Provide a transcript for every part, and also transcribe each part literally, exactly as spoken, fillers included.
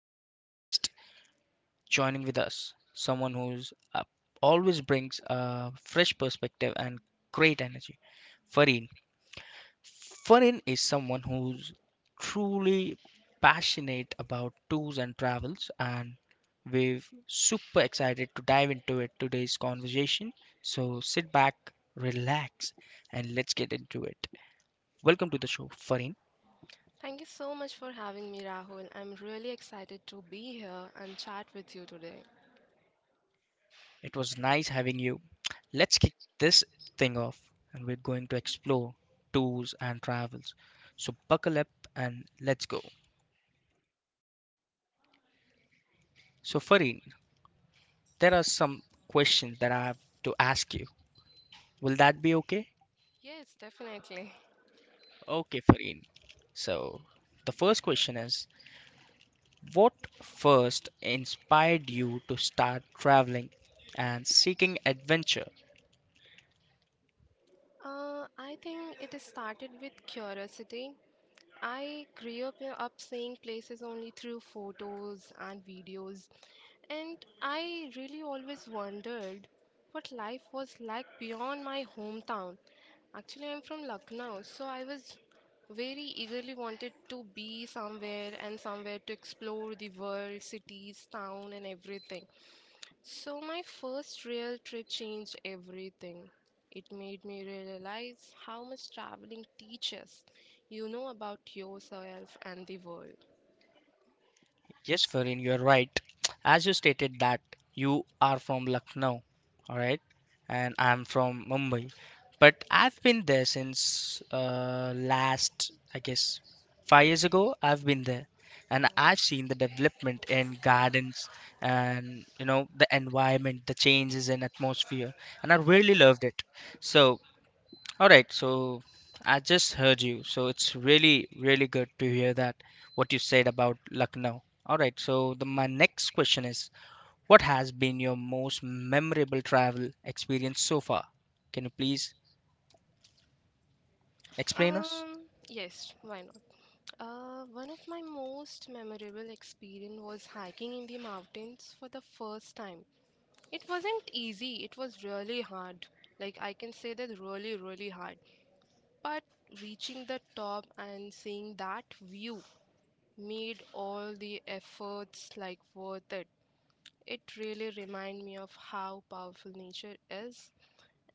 amazing guest joining with us. Someone who's uh, always brings a fresh perspective and great energy. Fareen, Farin is someone who's truly passionate about tours and travels, and we're super excited to dive into it today's conversation. So sit back, relax, and let's get into it. Welcome to the show, Farin. Thank you so much for having me, Rahul. I'm really excited to be here and chat with you today. It was nice having you. Let's kick this thing off, and we're going to explore tours and travels. So buckle up and let's go. So, Farin, there are some questions that I have to ask you. Will that be okay? Yes, definitely. Okay, Fareen. So, the first question is, what first inspired you to start traveling and seeking adventure? Uh, I think it is started with curiosity. I grew up, uh, up seeing places only through photos and videos, and I really always wondered what life was like beyond my hometown. Actually, I'm from Lucknow, so I was very eagerly wanted to be somewhere and somewhere to explore the world, cities, town, and everything. So, my first real trip changed everything. It made me realize how much traveling teaches you know about yourself and the world. Yes, Farin, you're right. As you stated that you are from Lucknow, all right, and I'm from Mumbai, but I've been there since uh, last, I guess, five years ago. I've been there, and I've seen the development in gardens and, you know, the environment, the changes in atmosphere, and I really loved it. So all right, so I just heard you. So it's really, really good to hear that what you said about Lucknow. All right, so the, my next question is, what has been your most memorable travel experience so far? Can you please Nice. explain us? Um, yes, why not? Uh, one of my most memorable experience was hiking in the mountains for the first time. It wasn't easy, it was really hard. Like, I can say that really, really hard. But reaching the top and seeing that view made all the efforts like worth it. It really reminded me of how powerful nature is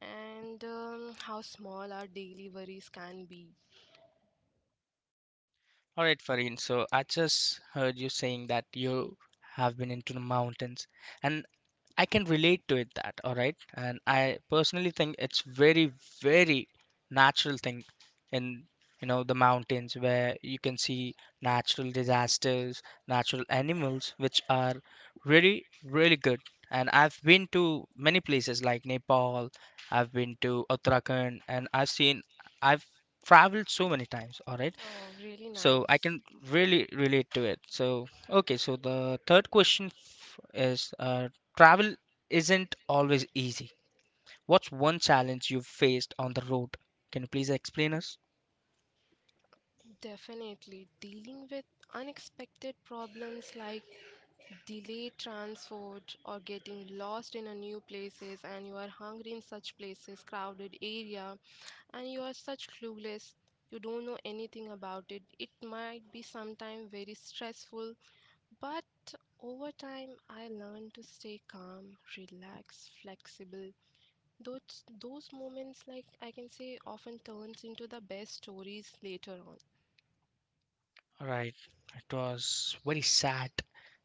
and um, how small our daily worries can be. All right, Fareen. So I just heard you saying that you have been into the mountains, and I can relate to it that, all right? And I personally think it's very, very natural thing in, you know, the mountains where you can see natural disasters, natural animals, which are really, really good. And I've been to many places like Nepal, I've been to Uttarakhand, and I've seen, I've traveled so many times, all right? Oh, really So I nice. can really relate to it. So, okay, so the third question f- is uh, travel isn't always easy. What's one challenge you've faced on the road? Can you please explain us? Definitely. Dealing with unexpected problems like delayed transport or getting lost in a new places and you are hungry in such places, crowded area, and you are such clueless. You don't know anything about it. It might be sometime very stressful, but over time I learned to stay calm, relaxed, flexible. Those those moments like I can say often turns into the best stories later on. All right, it was very sad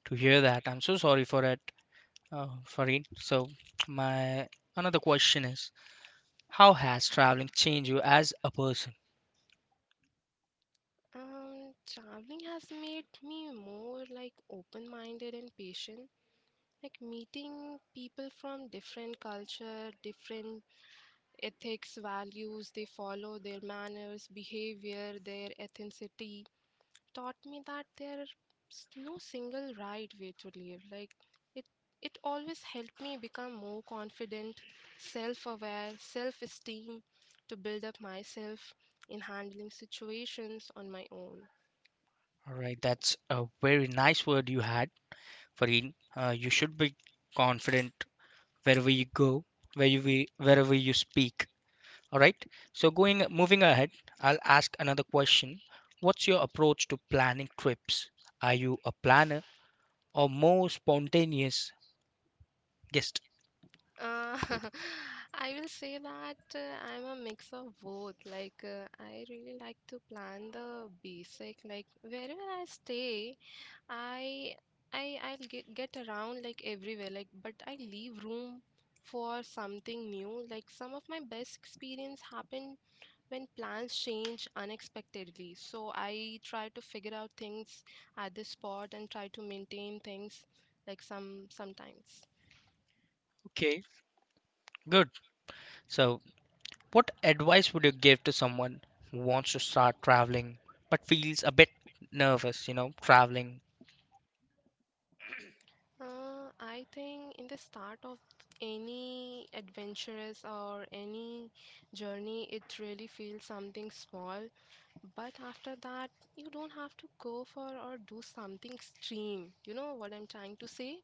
to hear that. I'm so sorry for it, uh, Farid. So, my another question is, how has traveling changed you as a person? Um, traveling has made me more like open-minded and patient. Like meeting people from different culture, different ethics, values they follow, their manners, behavior, their ethnicity taught me that there's no single right way to live. Like it it always helped me become more confident, self-aware, self-esteem to build up myself in handling situations on my own. All right, that's a very nice word you had, Farid. Uh, you should be confident wherever you go, where you, we- wherever you speak. All right. So going moving ahead, I'll ask another question. What's your approach to planning trips? Are you a planner or more spontaneous guest? Uh, I will say that uh, I'm a mix of both. Like, uh, I really like to plan the basic. Like, wherever I stay, I I I'll get get around like everywhere. Like, but I leave room for something new. Like, some of my best experience happen when plans change unexpectedly. So I try to figure out things at the spot and try to maintain things like some sometimes. Okay, good. So what advice would you give to someone who wants to start traveling but feels a bit nervous, you know, traveling? Uh, I think in the start of any adventurous or any journey, it really feels something small. But after that, you don't have to go for or do something extreme. You know what I'm trying to say?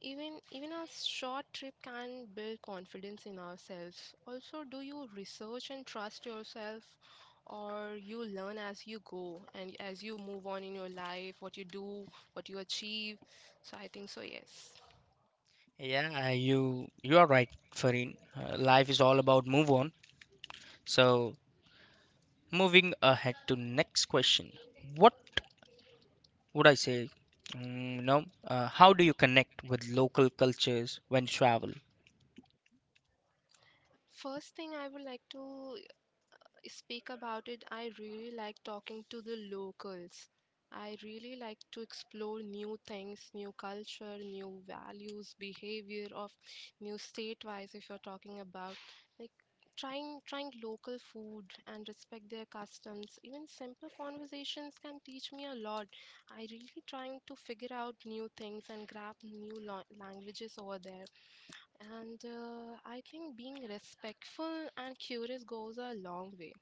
Even even a short trip can build confidence in ourselves. Also, do you research and trust yourself, or you learn as you go and as you move on in your life, what you do, what you achieve? So I think so, yes. Yeah, you you are right, Farin. Uh, life is all about move on. So moving ahead to next question. What would I say, mm, you uh, how do you connect with local cultures when you travel? First thing I would like to speak about it, I really like talking to the locals. I really like to explore new things, new culture, new values, behavior of new state-wise if you're talking about like trying trying local food and respect their customs. Even simple conversations can teach me a lot. I really trying to figure out new things and grab new lo languages over there. And uh, I think being respectful and curious goes a long way.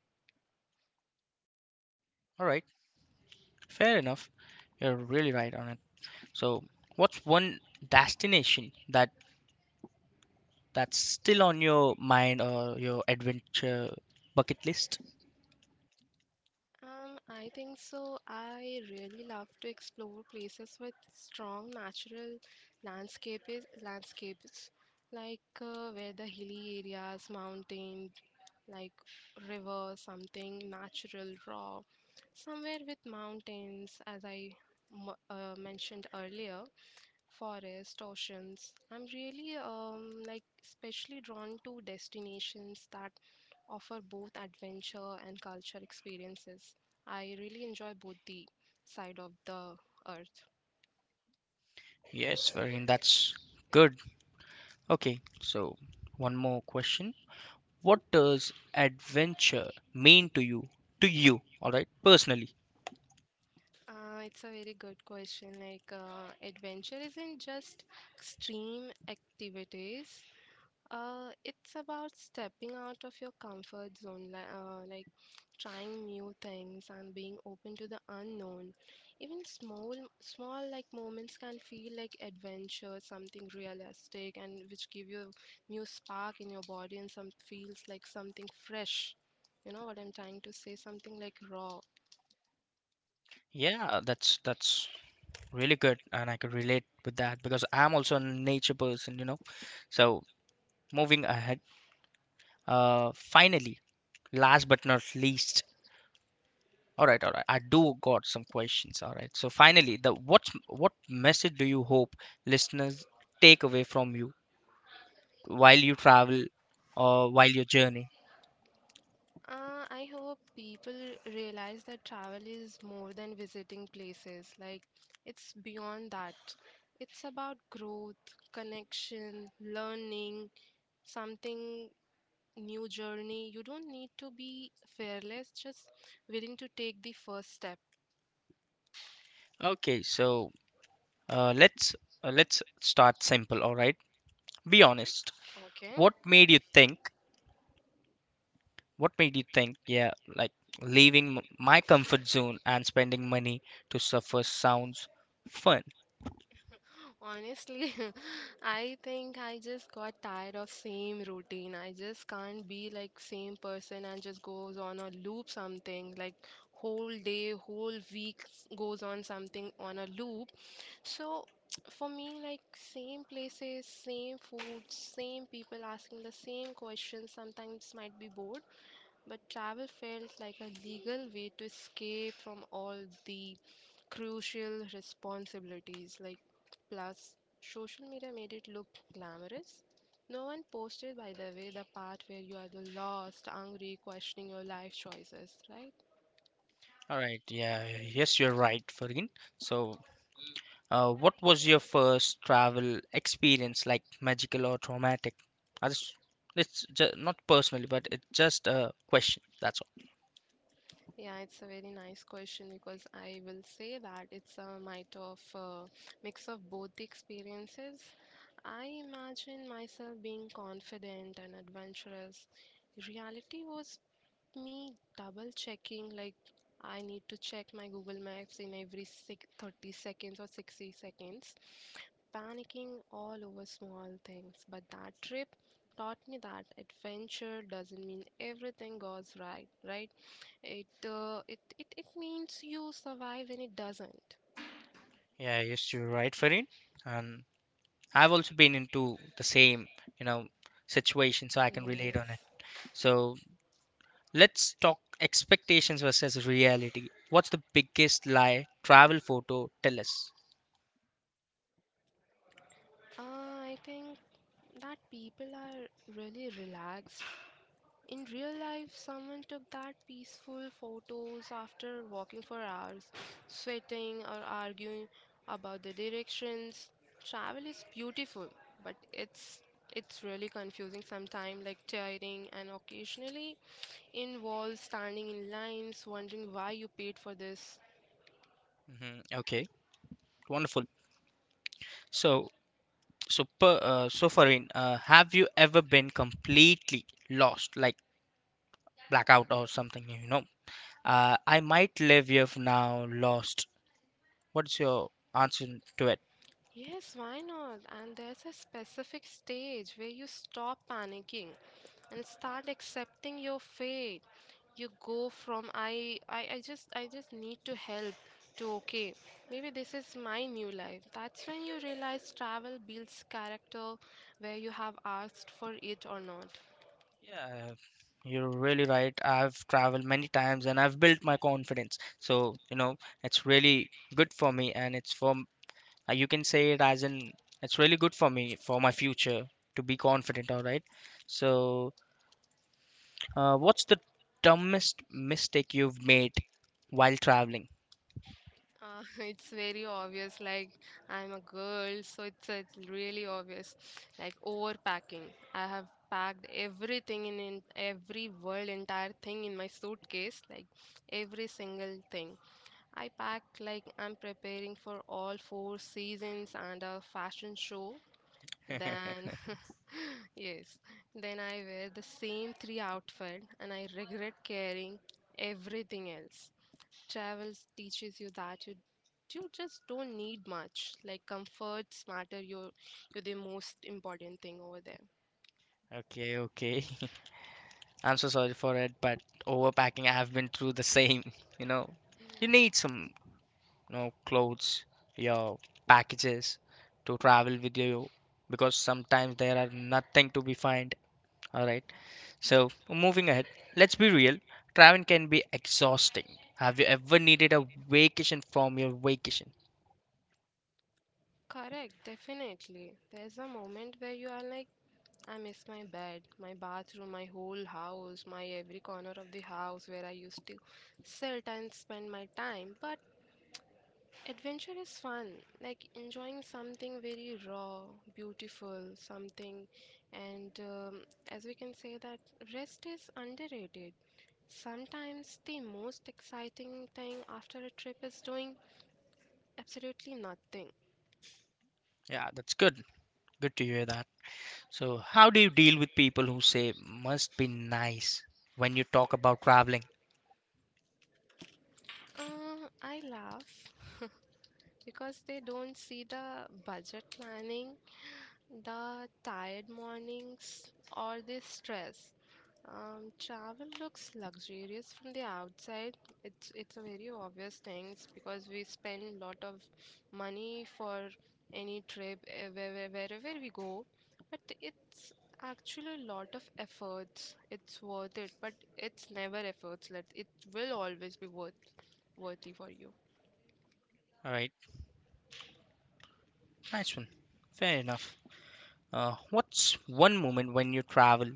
All right, fair enough. You're really right on it. So, what's one destination that that's still on your mind or your adventure bucket list? Um, I think so. I really love to explore places with strong natural landscapes, landscapes like uh, where the hilly areas, mountains, like river, something natural, raw, somewhere with mountains, as I m- uh, mentioned earlier. Forest, oceans. I'm really um like especially drawn to destinations that offer both adventure and culture experiences. I really enjoy both the side of the earth. Yes, Varun, that's good. Okay, so one more question. What does adventure mean to you? To you, all right, personally? Uh, it's a very good question. Like uh, adventure isn't just extreme activities. Uh, it's about stepping out of your comfort zone, li- uh, like trying new things and being open to the unknown. Even small, small like moments can feel like adventure, something realistic, and which give you new spark in your body and some feels like something fresh. You know what I'm trying to say? Something like raw. Yeah, that's that's really good, and I could relate with that because I'm also a nature person, you know. So moving ahead, uh, finally, last but not least, all right, all right, I do got some questions. All right, so finally, the what what message do you hope listeners take away from you while you travel or while your journey? Uh, I hope people realize that travel is more than visiting places. Like, it's beyond that. It's about growth, connection, learning, something new journey. You don't need to be fearless, just willing to take the first step. Okay, so uh, let's uh, let's start simple. All right, be honest. Okay? What made you think What made you think, yeah, like leaving m- my comfort zone and spending money to suffer sounds fun? Honestly, I think I just got tired of same routine. I just can't be like same person and just goes on a loop something like whole day, whole week s- goes on something on a loop. So for me, like same places, same food, same people asking the same questions sometimes might be bored, but travel felt like a legal way to escape from all the crucial responsibilities like plus social media made it look glamorous. No one posted by the way the part where you are the lost, angry, questioning your life choices, right? All right, yeah, yes, you're right, Farin. So, uh, what was your first travel experience, like magical or traumatic? I just, it's just, not personally, but it's just a question. That's all. Yeah, it's a very nice question because I will say that it's a mite of uh, mix of both the experiences. I imagine myself being confident and adventurous. Reality was me double checking, like I need to check my Google Maps in every six, thirty seconds or sixty seconds, panicking all over small things. But that trip taught me that adventure doesn't mean everything goes right, right? It, uh, it, it, it means you survive when it doesn't. Yeah, yes, you're right, Farin. And I've also been into the same, you know, situation, so Yes. I can relate It. on it. So, let's talk expectations versus reality. What's the biggest lie travel photo tell us? Uh, I think that people are really relaxed. In real life, someone took that peaceful photos after walking for hours, sweating or arguing about the directions. Travel is beautiful, but it's it's really confusing sometimes, like tiring, and occasionally involves standing in lines, wondering why you paid for this. Hmm. Okay, wonderful. So, so, per, uh, so Farin, uh, have you ever been completely lost, like blackout or something? You know, uh, I might live here for now lost. What's your answer to it? Yes, why not? And there's a specific stage where you stop panicking and start accepting your fate. You go from I, I i just i just need to help, to okay, maybe this is my new life. That's when you realize travel builds character, where you have asked for it or not. Yeah, you're really right. I've traveled many times and I've built my confidence. So, you know, it's really good for me and it's for, Uh, you can say it as in, it's really good for me for my future to be confident. All right. So, uh, what's the dumbest mistake you've made while traveling? Uh, it's very obvious. Like I'm a girl, so it's, it's really obvious. Like overpacking. I have packed everything in, in every world, entire thing in my suitcase. Like every single thing. I packed like I'm preparing for all four seasons and a fashion show. Then, yes, then I wear the same three outfit and I regret carrying everything else. Travel teaches you that you you just don't need much. Like comforts matter. You're you're the most important thing over there. Okay, okay. I'm so sorry for it, but overpacking, I have been through the same. You know, you need some, you know, clothes, your packages to travel with you because sometimes there are nothing to be find. All right. So, moving ahead, let's be real, traveling can be exhausting. Have you ever needed a vacation from your vacation? Correct, definitely. There's a moment where you are like, I miss my bed, my bathroom, my whole house, my every corner of the house where I used to sit and spend my time. But adventure is fun, like enjoying something very raw, beautiful, something, and um, as we can say that rest is underrated. Sometimes the most exciting thing after a trip is doing absolutely nothing. Yeah, that's good. Good to hear that. So, how do you deal with people who say must be nice when you talk about traveling? Uh, I laugh because they don't see the budget planning, the tired mornings, or the stress. Um, travel looks luxurious from the outside. It's it's a very obvious thing because we spend a lot of money for any trip eh, where- where- wherever we go, but it's actually a lot of efforts. It's worth it, but it's never efforts. Let it will always be worth worthy for you. All right, nice one. Fair enough. Uh, what's one moment when you travel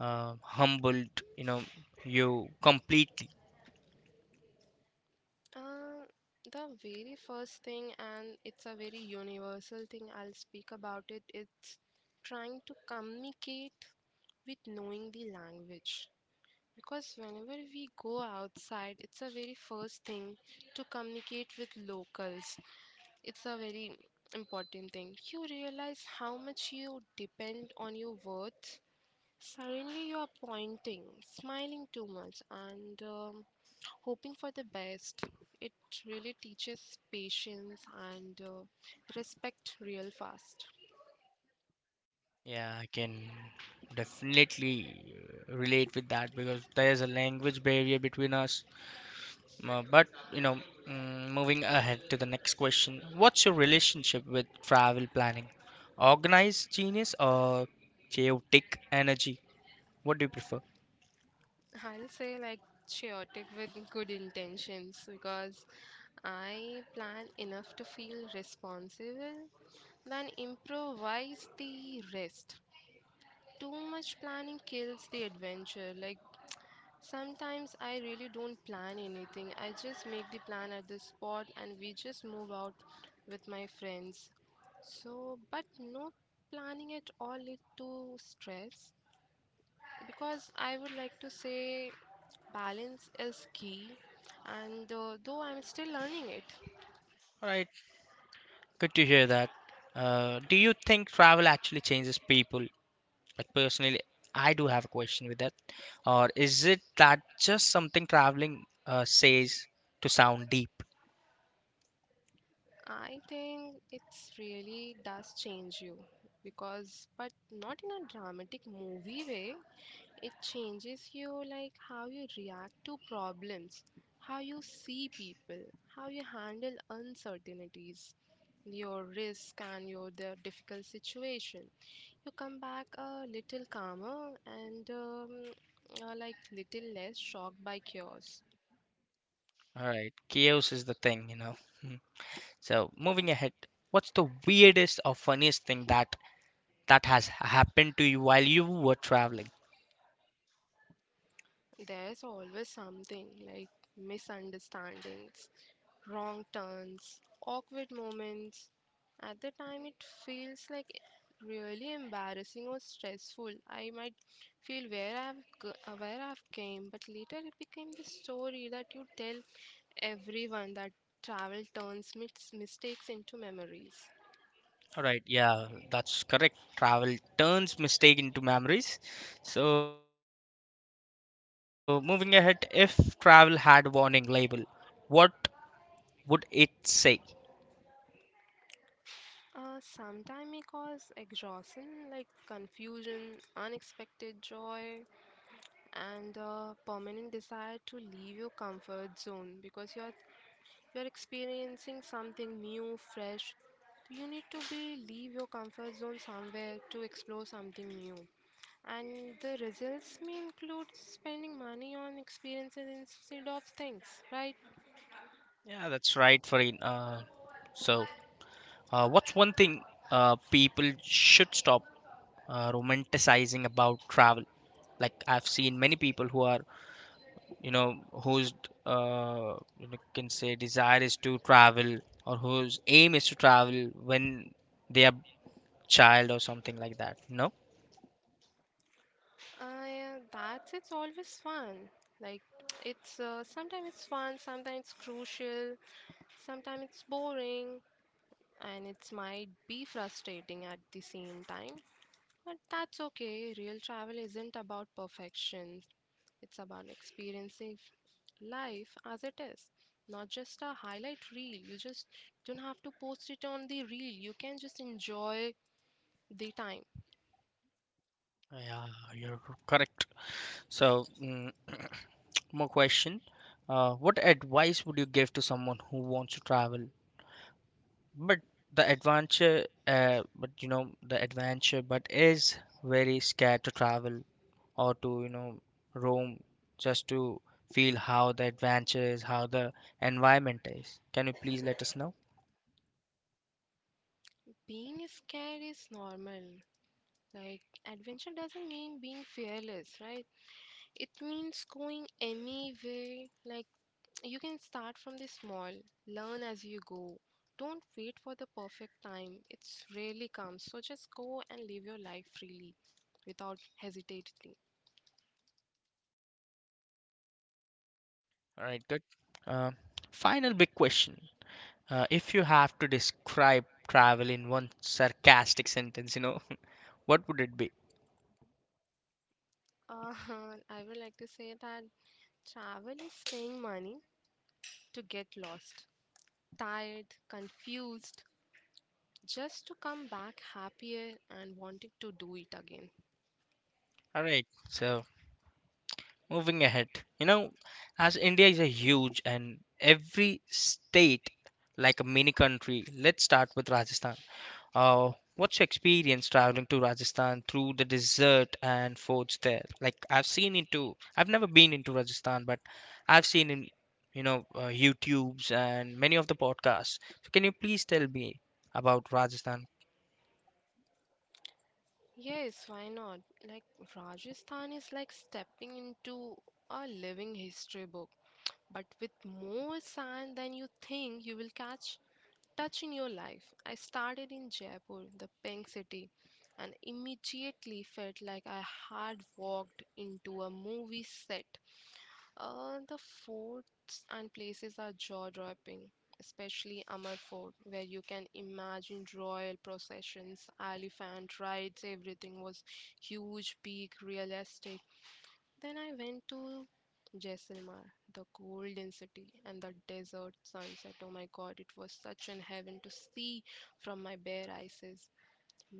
uh, humbled, you know, you completely? Uh, the very first thing, and it's a very universal thing, I'll speak about it. It's trying to communicate with knowing the language. Because whenever we go outside, it's a very first thing to communicate with locals. It's a very important thing. You realize how much you depend on your words. Suddenly, you are pointing, smiling too much, and um, hoping for the best. It really teaches patience and uh, respect real fast. Yeah, I can definitely relate with that because there's a language barrier between us. Uh, but you know, mm, moving ahead to the next question, what's your relationship with travel planning? Organized genius or chaotic energy? What do you prefer? I'll say like chaotic with good intentions because I plan enough to feel responsible, then improvise the rest. Too much planning kills the adventure. Like sometimes I really don't plan anything. I just make the plan at the spot and we just move out with my friends. So, but no planning at all lead to stress because I would like to say balance is key and uh, though I'm still learning it. All right, good to hear that. Uh, do you think travel actually changes people? Like personally, I do have a question with that. Or is it that just something traveling uh, says to sound deep? I think it's really does change you because but not in a dramatic movie way. It changes you, like how you react to problems, how you see people, how you handle uncertainties, your risk, and your the difficult situation. You come back a little calmer and um, uh, like little less shocked by chaos. All right, chaos is the thing, you know. So moving ahead, what's the weirdest or funniest thing that that has happened to you while you were traveling? There's always something like misunderstandings, wrong turns, awkward moments. At the time, it feels like really embarrassing or stressful. I might feel where I've g- uh, where I've came, but later it became the story that you tell everyone that travel turns mis- mistakes into memories. All right, yeah, that's correct, travel turns mistake into memories. So moving ahead, if travel had warning label, what would it say? Uh, sometimes it causes exhaustion, like confusion, unexpected joy, and a permanent desire to leave your comfort zone because you're you're experiencing something new fresh. You need to be leave your comfort zone somewhere to explore something new, and the results may include spending money on experiences instead of things, right? Yeah, that's right, Farin. uh, so uh, what's one thing, uh, people should stop, uh, romanticizing about travel. Like, I've seen many people who are, you know, whose, uh, you know, can say desire is to travel or whose aim is to travel when they are child or something like that, no? Uh, yeah, that's it's always fun. Like it's uh, sometimes it's fun, sometimes it's crucial, sometimes it's boring, and it might be frustrating at the same time. But that's okay. Real travel isn't about perfection, it's about experiencing life as it is. Not just a highlight reel. You just don't have to post it on the reel. You can just enjoy the time. Yeah, you're correct. So, mm, more question. Uh, what advice would you give to someone who wants to travel but the adventure, uh, but you know the adventure but is very scared to travel or to, you know, roam just to feel how the adventure is, how the environment is. Can you please let us know? Being scared is normal. Like, adventure doesn't mean being fearless, right? It means going anywhere, like you can start from the small, learn as you go. Don't wait for the perfect time. It's rarely comes. So just go and live your life freely without hesitating. All right, good. Uh, final big question. Uh, if you have to describe travel in one sarcastic sentence, you know, what would it be? Uh, I would like to say that travel is paying money to get lost, tired, confused, just to come back happier and wanting to do it again. All right, so moving ahead, you know, as India is a huge and every state like a mini country, let's start with Rajasthan. Uh, what's your experience traveling to Rajasthan through the desert and forts there? Like, I've seen into, I've never been into Rajasthan, but I've seen in, you know, uh, YouTubes and many of the podcasts. So can you please tell me about Rajasthan? Yes, why not? Like Rajasthan is like stepping into a living history book, but with more sand than you think you will catch. Touch in your life. I started in Jaipur, the pink city, and immediately felt like I had walked into a movie set. Uh, the forts and places are jaw-dropping, especially Amar Fort, where you can imagine royal processions, elephant rides. Everything was huge, big, real estate. Then I went to Jaisalmer, the golden city, and the desert sunset. Oh my god, it was such an heaven to see from my bare eyes.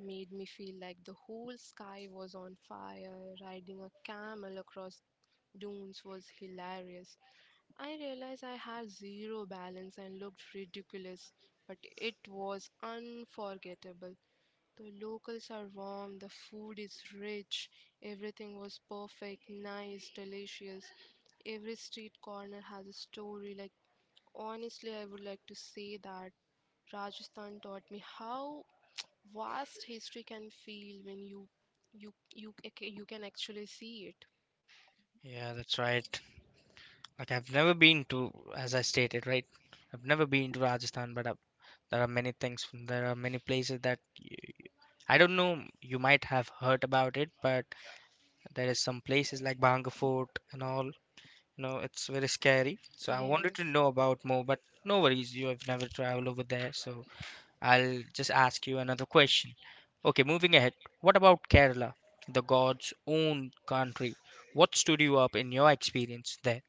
Made me feel like the whole sky was on fire. Riding a camel across dunes was hilarious. I realized I had zero balance and looked ridiculous, but it was unforgettable. The locals are warm, the food is rich, everything was perfect, nice, delicious. Every street corner has a story. Like, honestly, I would like to say that Rajasthan taught me how vast history can feel when you you you, ac- you can actually see it. Yeah, that's right. Like, I've never been to, as I stated, right? I've never been to Rajasthan, but I've, there are many things. There are many places that y I don't know. You might have heard about it, but there is some places like Bhanga Fort and all. You know, it's very scary. So I wanted Yes. to know about more, but no worries. You have never traveled over there, so I'll just ask you another question. Okay, moving ahead. What about Kerala, the God's own country? What stood you up in your experience there?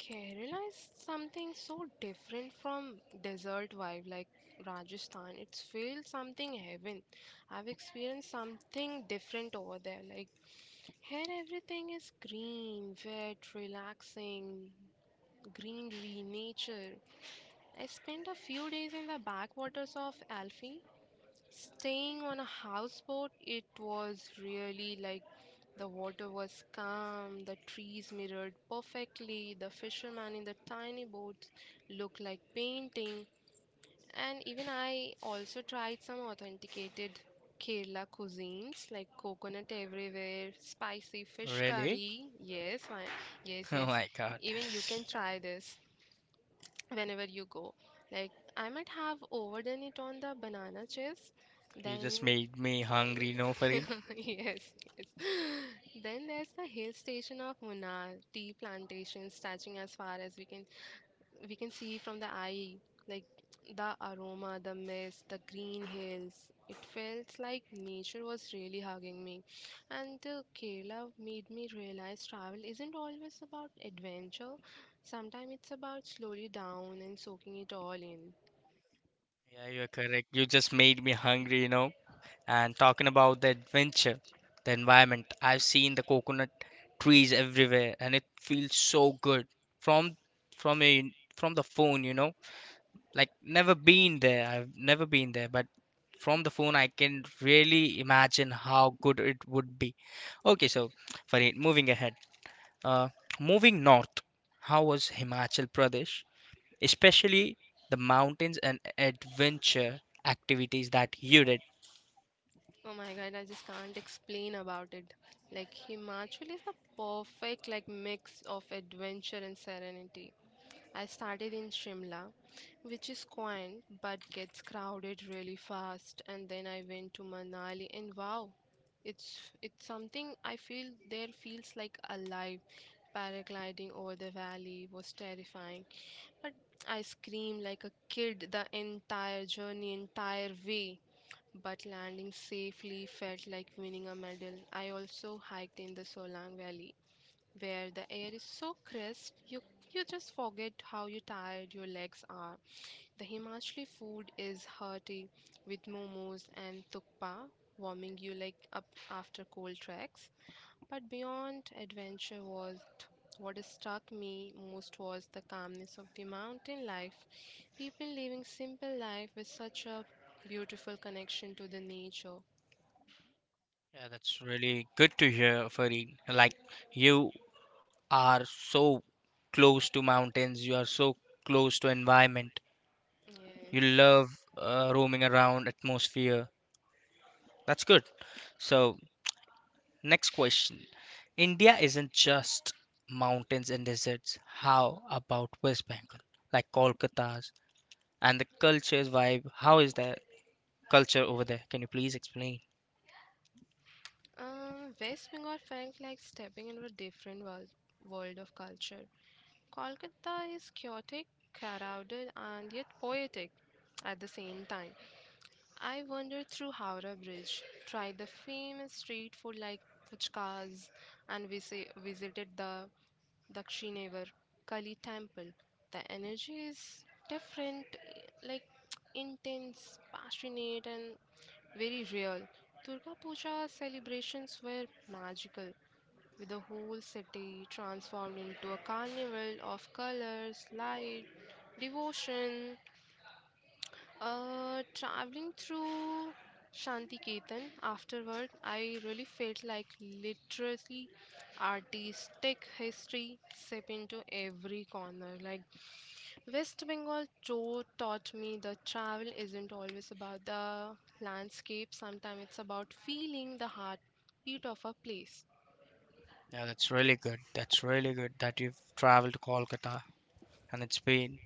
Kerala is something so different from desert vibe like Rajasthan. It's feels something heaven. I've experienced something different over there. Like here everything is green, wet, relaxing, greenery, nature. I spent a few days in the backwaters of Alfi. Staying on a houseboat, it was really like the water was calm, the trees mirrored perfectly, the fishermen in the tiny boats looked like painting, and even I also tried some authenticated Kerala cuisines like coconut everywhere, spicy fish Really? curry. Yes, why, yes, Oh yes. my God. Even you can try this whenever you go. Like I might have overdone it on the banana chips, You then just made me hungry, you know, yes, Farin. yes. Then there's the hill station of Munnar, tea plantations stretching as far as we can we can see from the eye. Like the aroma, the mist, the green hills, it felt like nature was really hugging me. And uh, Kerala made me realize travel isn't always about adventure, sometimes it's about slowly down and soaking it all in. Yeah, you're correct. You just made me hungry, you know. And talking about the adventure, the environment, I've seen the coconut trees everywhere, and it feels so good from from a from the phone, you know. Like, never been there. I've never been there, but from the phone, I can really imagine how good it would be. Okay, so Farid, moving ahead. Uh, Moving north. How was Himachal Pradesh, especially the mountains and adventure activities that you did? Oh my god, I just can't explain about it. Like Himachal is the perfect like mix of adventure and serenity. I started in Shimla, which is quaint but gets crowded really fast. And then I went to Manali, and wow, it's it's something I feel there feels like alive. Paragliding over the valley was terrifying, but I screamed like a kid the entire journey, entire way. But landing safely felt like winning a medal. I also hiked in the Solang Valley where the air is so crisp you you just forget how you tired your legs are. The Himachali food is hearty with momos and tukpa warming you like up after cold treks. But beyond adventure was what struck me most was the calmness of the mountain life. People living simple life with such a beautiful connection to the nature. Yeah, that's really good to hear, Farid. Like, you are so close to mountains, you are so close to environment. Yes. You love, uh, roaming around atmosphere. That's good. So, next question. India isn't just mountains and deserts. How about West Bengal? Like Kolkata's and the culture's vibe. How is that culture over there? Can you please explain? Um, West Bengal felt like stepping into a different world, world of culture. Kolkata is chaotic, crowded, and yet poetic at the same time. I wandered through Howrah Bridge, tried the famous street food like puchkas, and visi- visited the Dakshinevar Kali temple. The energy is different, like intense, passionate, and very real. Durga Puja celebrations were magical, with the whole city transformed into a carnival of colors, light, devotion. Uh, traveling through Shantiketan afterward, I really felt like literally artistic history seep into every corner. Like West Bengal tour taught me that travel isn't always about the landscape, sometimes it's about feeling the heartbeat of a place. Yeah, that's really good. That's really good that you've traveled to Kolkata and it's been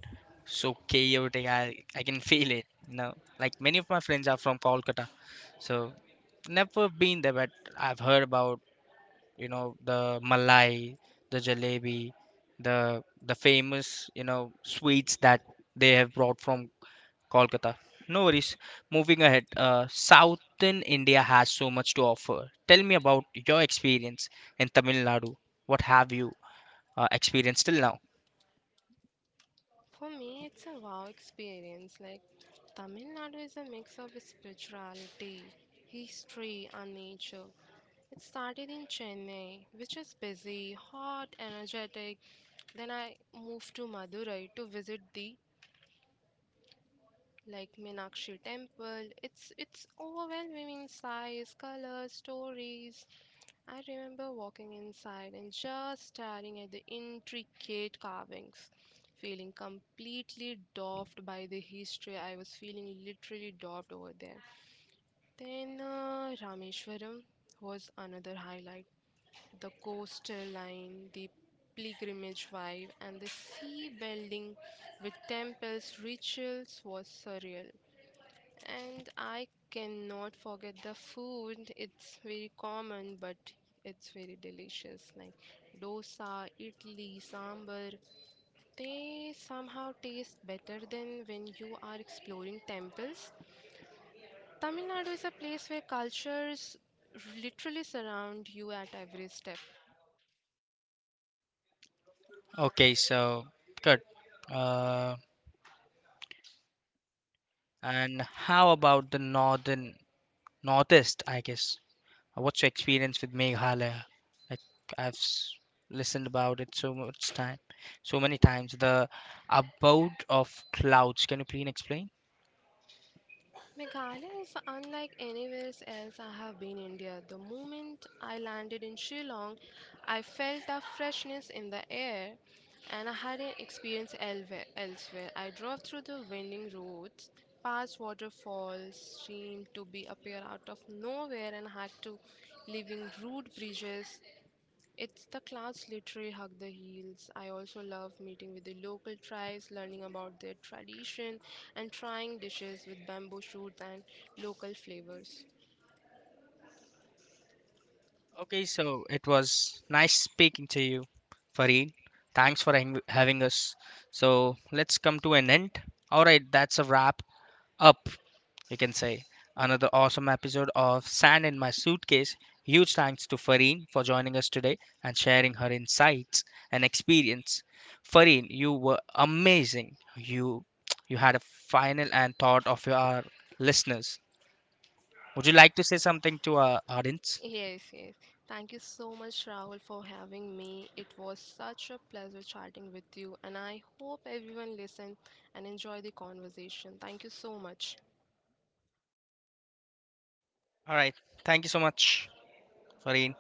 so chaotic. I I can feel it. You know, like many of my friends are from Kolkata, so never been there, but I've heard about, you know, the malai, the jalebi, the the famous, you know, sweets that they have brought from Kolkata. No worries. Moving ahead, uh, Southern India has so much to offer. Tell me about your experience in Tamil Nadu. What have you uh, experienced till now? For me, it's a wow experience. Like, Tamil Nadu is a mix of spirituality, history, and nature. It started in Chennai, which is busy, hot, energetic. Then I moved to Madurai to visit the like Meenakshi Temple. It's it's overwhelming in size, colors, stories. I remember walking inside and just staring at the intricate carvings, feeling completely dwarfed by the history. I was feeling literally dwarfed over there. Then uh, Rameshwaram was another highlight. The coastal line, the pilgrimage vibe, and the sea building with temples, rituals was surreal. And I cannot forget the food. It's very common, but it's very delicious. Like dosa, idli, sambar. They somehow taste better than when you are exploring temples. Tamil Nadu is a place where cultures literally surround you at every step. Okay, so good. Uh, and how about the northern, northeast? I guess. Uh, What's your experience with Meghalaya? Like, I've s- listened about it so much time, so many times. The abode of clouds. Can you please explain? Meghalaya is unlike anywhere else I have been in India. The moment I landed in Shillong, I felt a freshness in the air and I hadn't experienced elve- elsewhere. I drove through the winding roads, past waterfalls, seemed to be appear out of nowhere and had to leaving rude bridges, it's the clouds literally hug the hills. I also love meeting with the local tribes, learning about their tradition, and trying dishes with bamboo shoots and local flavors. Okay, so it was nice speaking to you, Fareen. Thanks for hang- having us. So let's come to an end. All right, that's a wrap up, you can say. Another awesome episode of Sand in My Suitcase. Huge thanks to Fareen for joining us today and sharing her insights and experience. Fareen, you were amazing. You you had a final and thought of your our listeners. Would you like to say something to our audience? Yes, yes. Thank you so much, Rahul, for having me. It was such a pleasure chatting with you, and I hope everyone listened and enjoy the conversation. Thank you so much. All right. Thank you so much. Sorry,